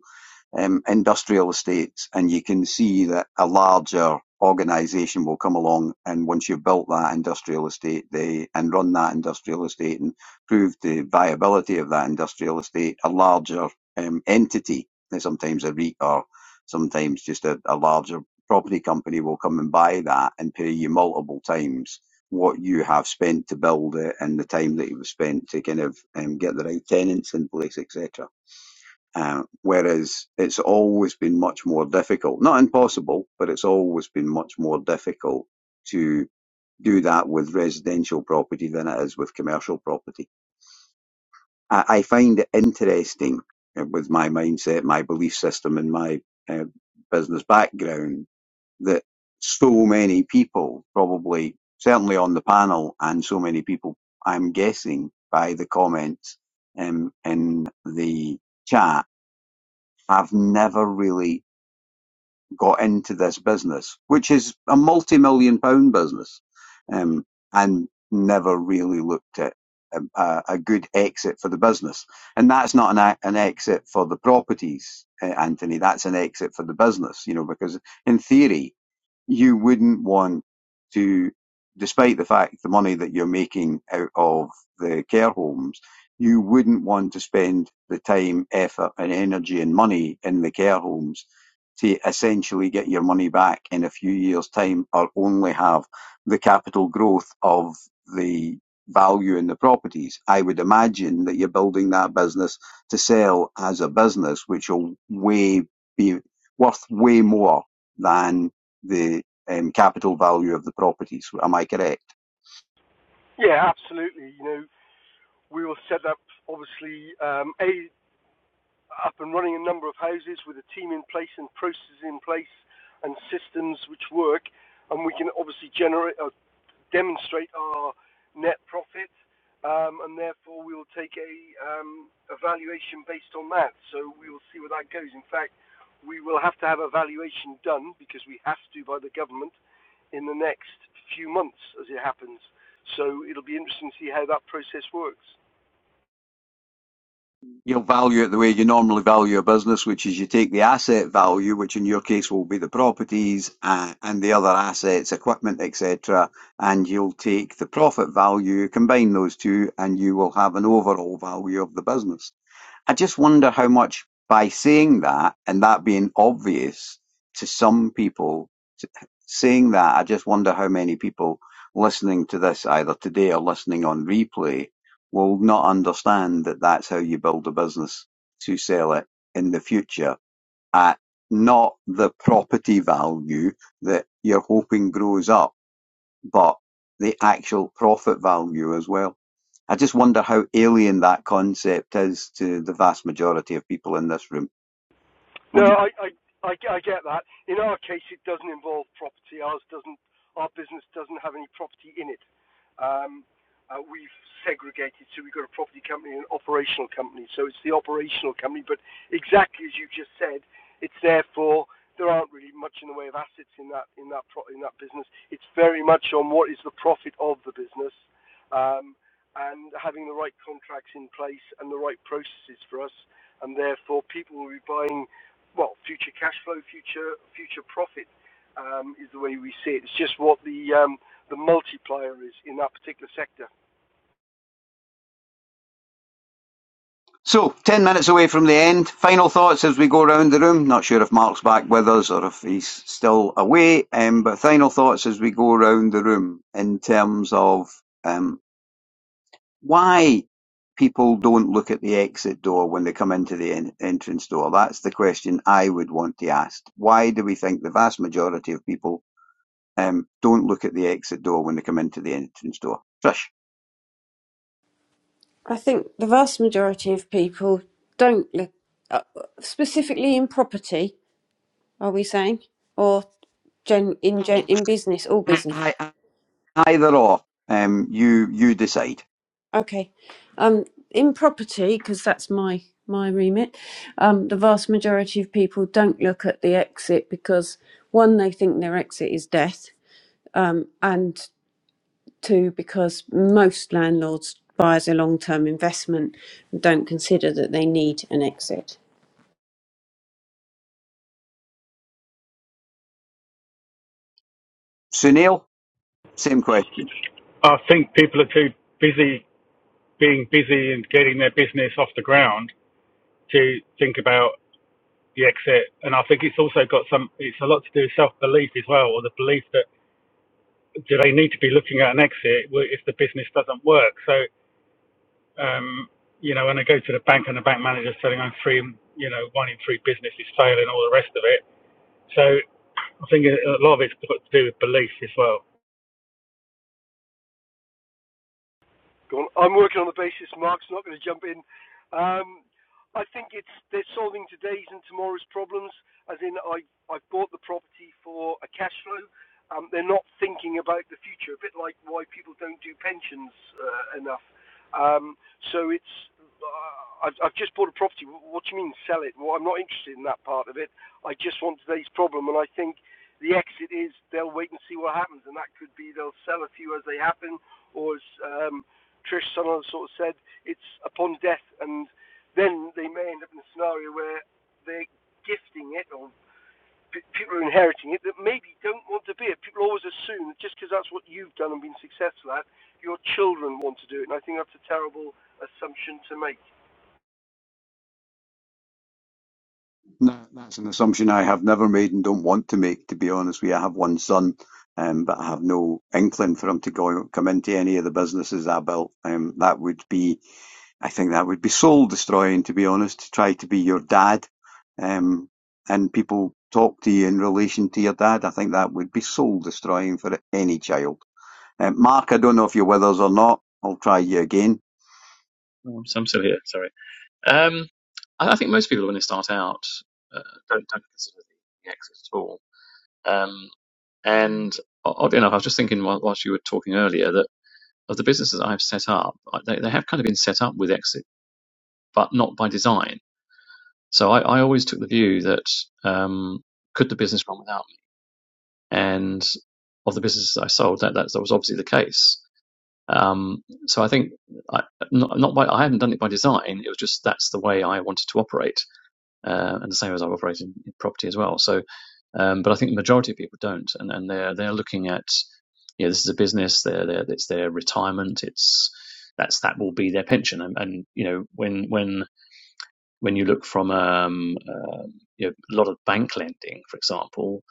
A: um, industrial estates, and you can see that a larger organisation will come along, and once you've built that industrial estate, they and run that industrial estate and prove the viability of that industrial estate, a larger um, entity, and sometimes a REIT or sometimes just a, a larger property company will come and buy that and pay you multiple times what you have spent to build it and the time that you've spent to kind of um, get the right tenants in place, etc. Uh, whereas it's always been much more difficult, not impossible, but it's always been much more difficult to do that with residential property than it is with commercial property. I, I find it interesting uh, with my mindset, my belief system, and my uh, business background that so many people, probably certainly on the panel, and so many people, I'm guessing by the comments um, in the chat, I've never really got into this business, which is a multi-million pound business, um, and never really looked at a, a good exit for the business. And that's not an, an exit for the properties, eh, Anthony. That's an exit for the business, you know, because in theory, you wouldn't want to, despite the fact the money that you're making out of the care homes, you wouldn't want to spend the time, effort, and energy and money in the care homes to essentially get your money back in a few years' time or only have the capital growth of the value in the properties. I would imagine that you're building that business to sell as a business, which will way be worth way more than the um, capital value of the properties. Am I correct?
E: Yeah, absolutely. You know, we will set up obviously um, a up and running a number of houses with a team in place and processes in place and systems which work, and we can obviously generate or demonstrate our net profit, um, and therefore we will take a um, evaluation based on that. So we will see where that goes. In fact, we will have to have a valuation done because we have to by the government in the next few months as it happens. So it'll be interesting to see how that process works.
A: You'll value it the way you normally value a business, which is you take the asset value, which in your case will be the properties uh, and the other assets, equipment, etc., and you'll take the profit value, combine those two, and you will have an overall value of the business. I just wonder how much by saying that and that being obvious to some people, saying that, I just wonder how many people listening to this either today or listening on replay will not understand that that's how you build a business to sell it in the future at not the property value that you're hoping grows up but the actual profit value as well. I just wonder how alien that concept is to the vast majority of people in this room. What
E: No,
A: do you-
E: I, I, I, I get that. In our case, it doesn't involve property. Ours doesn't. Our business doesn't have any property in it. Um, uh, we've segregated, so we've got a property company and an operational company. So it's the operational company. But exactly as you just said, it's therefore there aren't really much in the way of assets in that in that pro- in that business. It's very much on what is the profit of the business. Um, and having the right contracts in place and the right processes for us, and therefore people will be buying well, future cash flow, future future profit um, is the way we see it. It's just what the um, the multiplier is in that particular sector.
A: so, 10 minutes away from the end. Final thoughts as we go around the room. Not sure if Mark's back with us or if he's still away, um, but final thoughts as we go around the room in terms of um, why people don't look at the exit door when they come into the en- entrance door. That's the question I would want to ask. Why do we think the vast majority of people Um, don't look at the exit door when they come into the entrance door. Trish,
B: I think the vast majority of people don't look, uh, specifically in property, are we saying? Or gen, in, gen, in business, all business.
A: I, either or. Um, you you decide.
B: Okay. Um, in property, because that's my, my remit, um, the vast majority of people don't look at the exit because, one, they think their exit is death, um, and two, because most landlords buy as a long term investment and don't consider that they need an exit.
A: Sunil, same question.
C: I think people are too busy being busy and getting their business off the ground to think about. the exit. And I think it's also got some, it's a lot to do with self belief as well, or the belief that do they need to be looking at an exit if the business doesn't work? So, um, you know, when I go to the bank and the bank manager's telling I'm three, you know, one in three business is failing, all the rest of it. So I think a lot of it's got to do with belief as well.
E: Go on. I'm working on the basis Mark's not going to jump in. Um, I think it's they're solving today's and tomorrow's problems. As in, I I bought the property for a cash flow. Um, they're not thinking about the future. A bit like why people don't do pensions uh, enough. Um, so it's uh, I've I've just bought a property. What do you mean sell it? Well, I'm not interested in that part of it. I just want today's problem, and I think the exit is they'll wait and see what happens, and that could be they'll sell a few as they happen, or as um, Trish Sunderland sort of said it's upon death, and then they may end up in a scenario where they're gifting it or p- people are inheriting it that maybe don't want to be it. People always assume that just because that's what you've done and been successful at, your children want to do it, and I think that's a terrible assumption to make.
A: No, that's an assumption I have never made and don't want to make. To be honest with you, I have one son, um, but I have no inkling for him to go come into any of the businesses I built. Um, that would be, I think, that would be soul destroying. To be honest, to try to be your dad, um, and people talk to you in relation to your dad, I think that would be soul destroying for any child. Uh, Mark, I don't know if you're with us or not. I'll try you again.
D: Oh, so I'm still here. Sorry. Um, I, I think most people when they start out uh, don't don't consider the exit at all. Um, and oddly enough, I was just thinking whilst you were talking earlier that of the businesses I've set up, they, they have kind of been set up with exit, but not by design. So I, I always took the view that um, could the business run without me? And of the businesses I sold, that, that, that was obviously the case. Um, so I think I, not, not by I haven't done it by design. It was just that's the way I wanted to operate uh, and the same as I operate in, in property as well. So, um, but I think the majority of people don't, and, and they're they're looking at, you know, this is a business. They're, they're, it's their retirement. It's that's that will be their pension. And, and you know, when when when you look from um, uh, you know, a lot of bank lending, for example,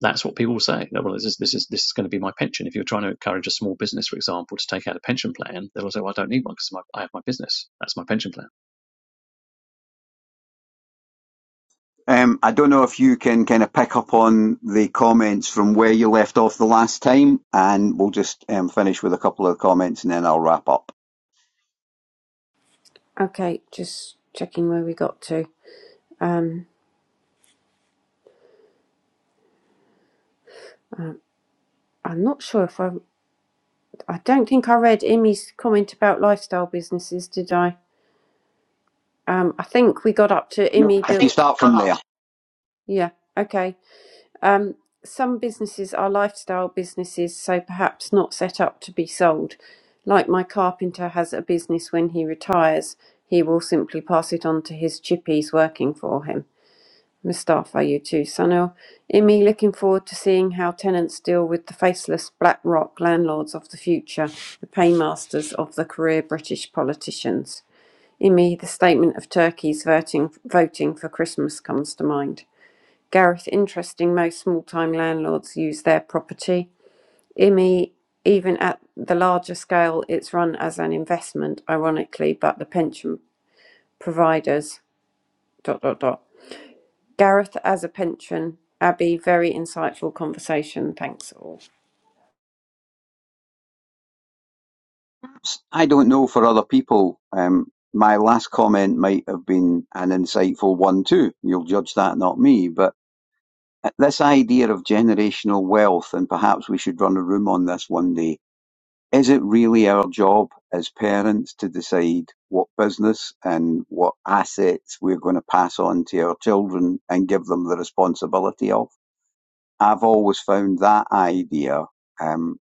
D: that's what people say. Well, this is this is this is going to be my pension. If you're trying to encourage a small business, for example, to take out a pension plan, they'll say, "Well, I don't need one because my, I have my business. That's my pension plan."
A: Um, I don't know if you can kind of pick up on the comments from where you left off the last time, and we'll just um, finish with a couple of comments and then I'll wrap up.
B: Okay, just checking where we got to. Um, I'm not sure if I. I don't think I read Imi's comment about lifestyle businesses, did I? Um, I think we got up to
A: No,
B: Imi
A: I if you
B: build.
A: start from there,
B: Yeah. Okay. Um, some businesses are lifestyle businesses, so perhaps not set up to be sold. Like my carpenter has a business when he retires, he will simply pass it on to his chippies working for him. Mustafa, you too, Sunil. Imi, looking forward to seeing how tenants deal with the faceless black rock landlords of the future, the paymasters of the career British politicians. Imi, the statement of Turkey's voting, voting for Christmas comes to mind. Gareth, interesting, most small time landlords use their property. Imi, even at the larger scale, it's run as an investment, ironically, but the pension providers. Dot dot dot. Gareth as a pension. Abby, very insightful conversation. Thanks all.
A: I I don't know for other people. Um, my last comment might have been an insightful one too. You'll judge that, not me. But uh, this idea of generational wealth, and perhaps we should run a room on this one day. Is it really our job as parents to decide what business and what assets we're going to pass on to our children and give them the responsibility of? I've always found that idea um,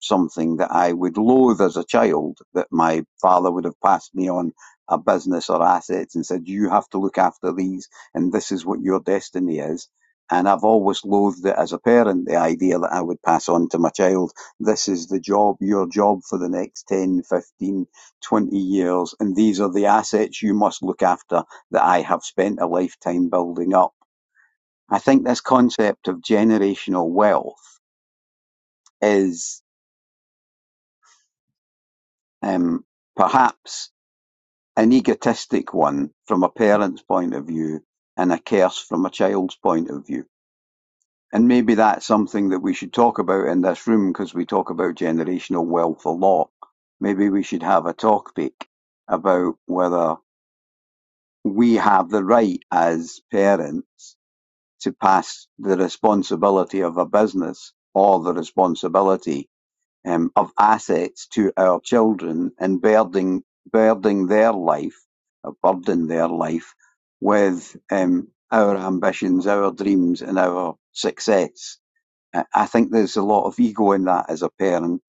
A: something that I would loathe as a child that my father would have passed me on a business or assets and said, you have to look after these and this is what your destiny is. And I've always loathed it as a parent, the idea that I would pass on to my child, this is the job, your job for the next 10, 15, 20 years. And these are the assets you must look after that I have spent a lifetime building up. I think this concept of generational wealth is um, perhaps An egotistic one from a parent's point of view and a curse from a child's point of view. And maybe that's something that we should talk about in this room because we talk about generational wealth a lot. Maybe we should have a topic about whether we have the right as parents to pass the responsibility of a business or the responsibility um, of assets to our children and burdening burdening their life, uh, burden their life with um, our ambitions, our dreams, and our success. I think there's a lot of ego in that as a parent,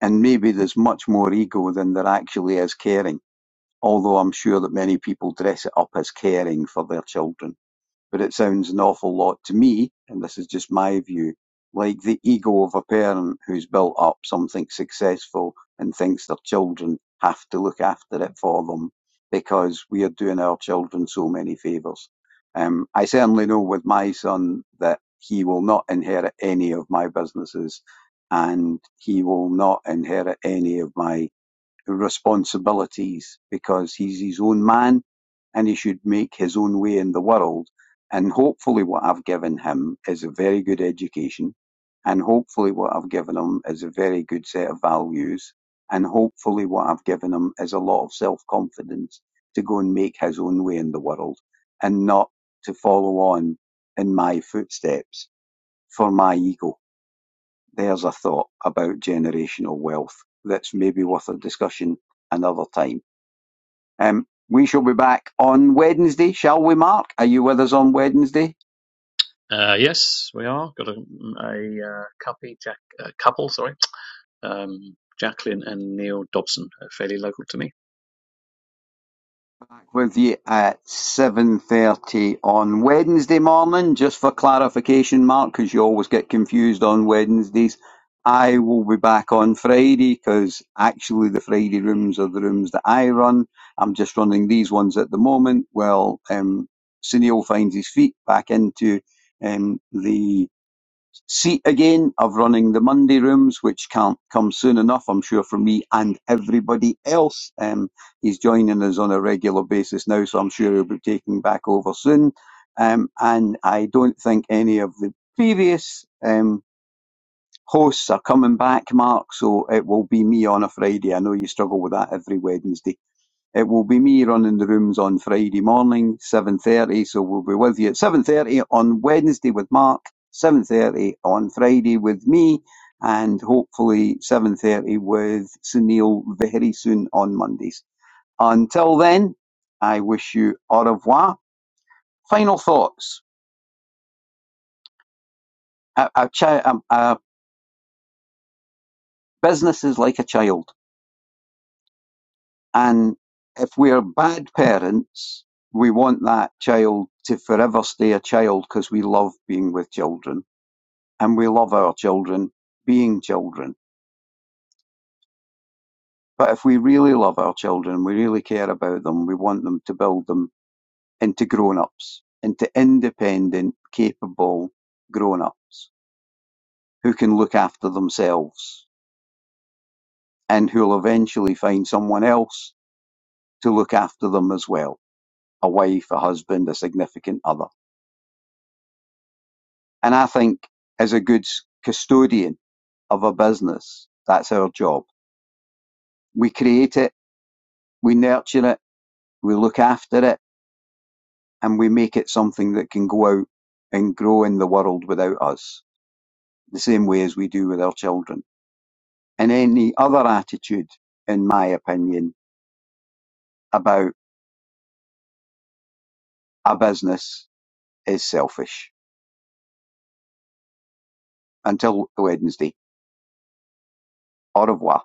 A: and maybe there's much more ego than there actually is caring. Although I'm sure that many people dress it up as caring for their children but it sounds an awful lot to me, and this is just my view, like the ego of a parent who's built up something successful and thinks their children have to look after it for them because we are doing our children so many favours. Um, I certainly know with my son that he will not inherit any of my businesses and he will not inherit any of my responsibilities because he's his own man and he should make his own way in the world. And hopefully, what I've given him is a very good education. And hopefully, what I've given him is a very good set of values. And hopefully, what I've given him is a lot of self confidence to go and make his own way in the world and not to follow on in my footsteps for my ego. There's a thought about generational wealth that's maybe worth a discussion another time. Um, we shall be back on Wednesday, shall we, Mark? Are you with us on Wednesday?
D: Uh, yes, we are. Got a, mm, a uh, copy, Jack, uh, couple, sorry, um, Jacqueline and Neil Dobson, uh, fairly local to me.
A: Back with you at 7.30 on Wednesday morning. Just for clarification, Mark, because you always get confused on Wednesdays, I will be back on Friday because actually the Friday rooms are the rooms that I run. I'm just running these ones at the moment. Well, um, Sunil finds his feet back into um, the See again of running the Monday rooms, which can't come soon enough, I'm sure, for me and everybody else. Um, he's joining us on a regular basis now, so I'm sure he'll be taking back over soon. Um, and I don't think any of the previous um, hosts are coming back, Mark, so it will be me on a Friday. I know you struggle with that every Wednesday. It will be me running the rooms on Friday morning, 7.30, so we'll be with you at 7.30 on Wednesday with Mark, 7.30 on Friday with me, and hopefully 7.30 with Sunil very soon on Mondays. Until then, I wish you au revoir. Final thoughts. A, a chi- um, a business is like a child, and if we're bad parents, we want that child to forever stay a child because we love being with children and we love our children being children. But if we really love our children, we really care about them, we want them to build them into grown ups, into independent, capable grown ups who can look after themselves and who'll eventually find someone else to look after them as well a wife, a husband, a significant other. And I think as a good custodian of a business, that's our job. We create it, we nurture it, we look after it and we make it something that can go out and grow in the world without us, the same way as we do with our children. And any other attitude, in my opinion, about a business is selfish. Until Wednesday. Au revoir.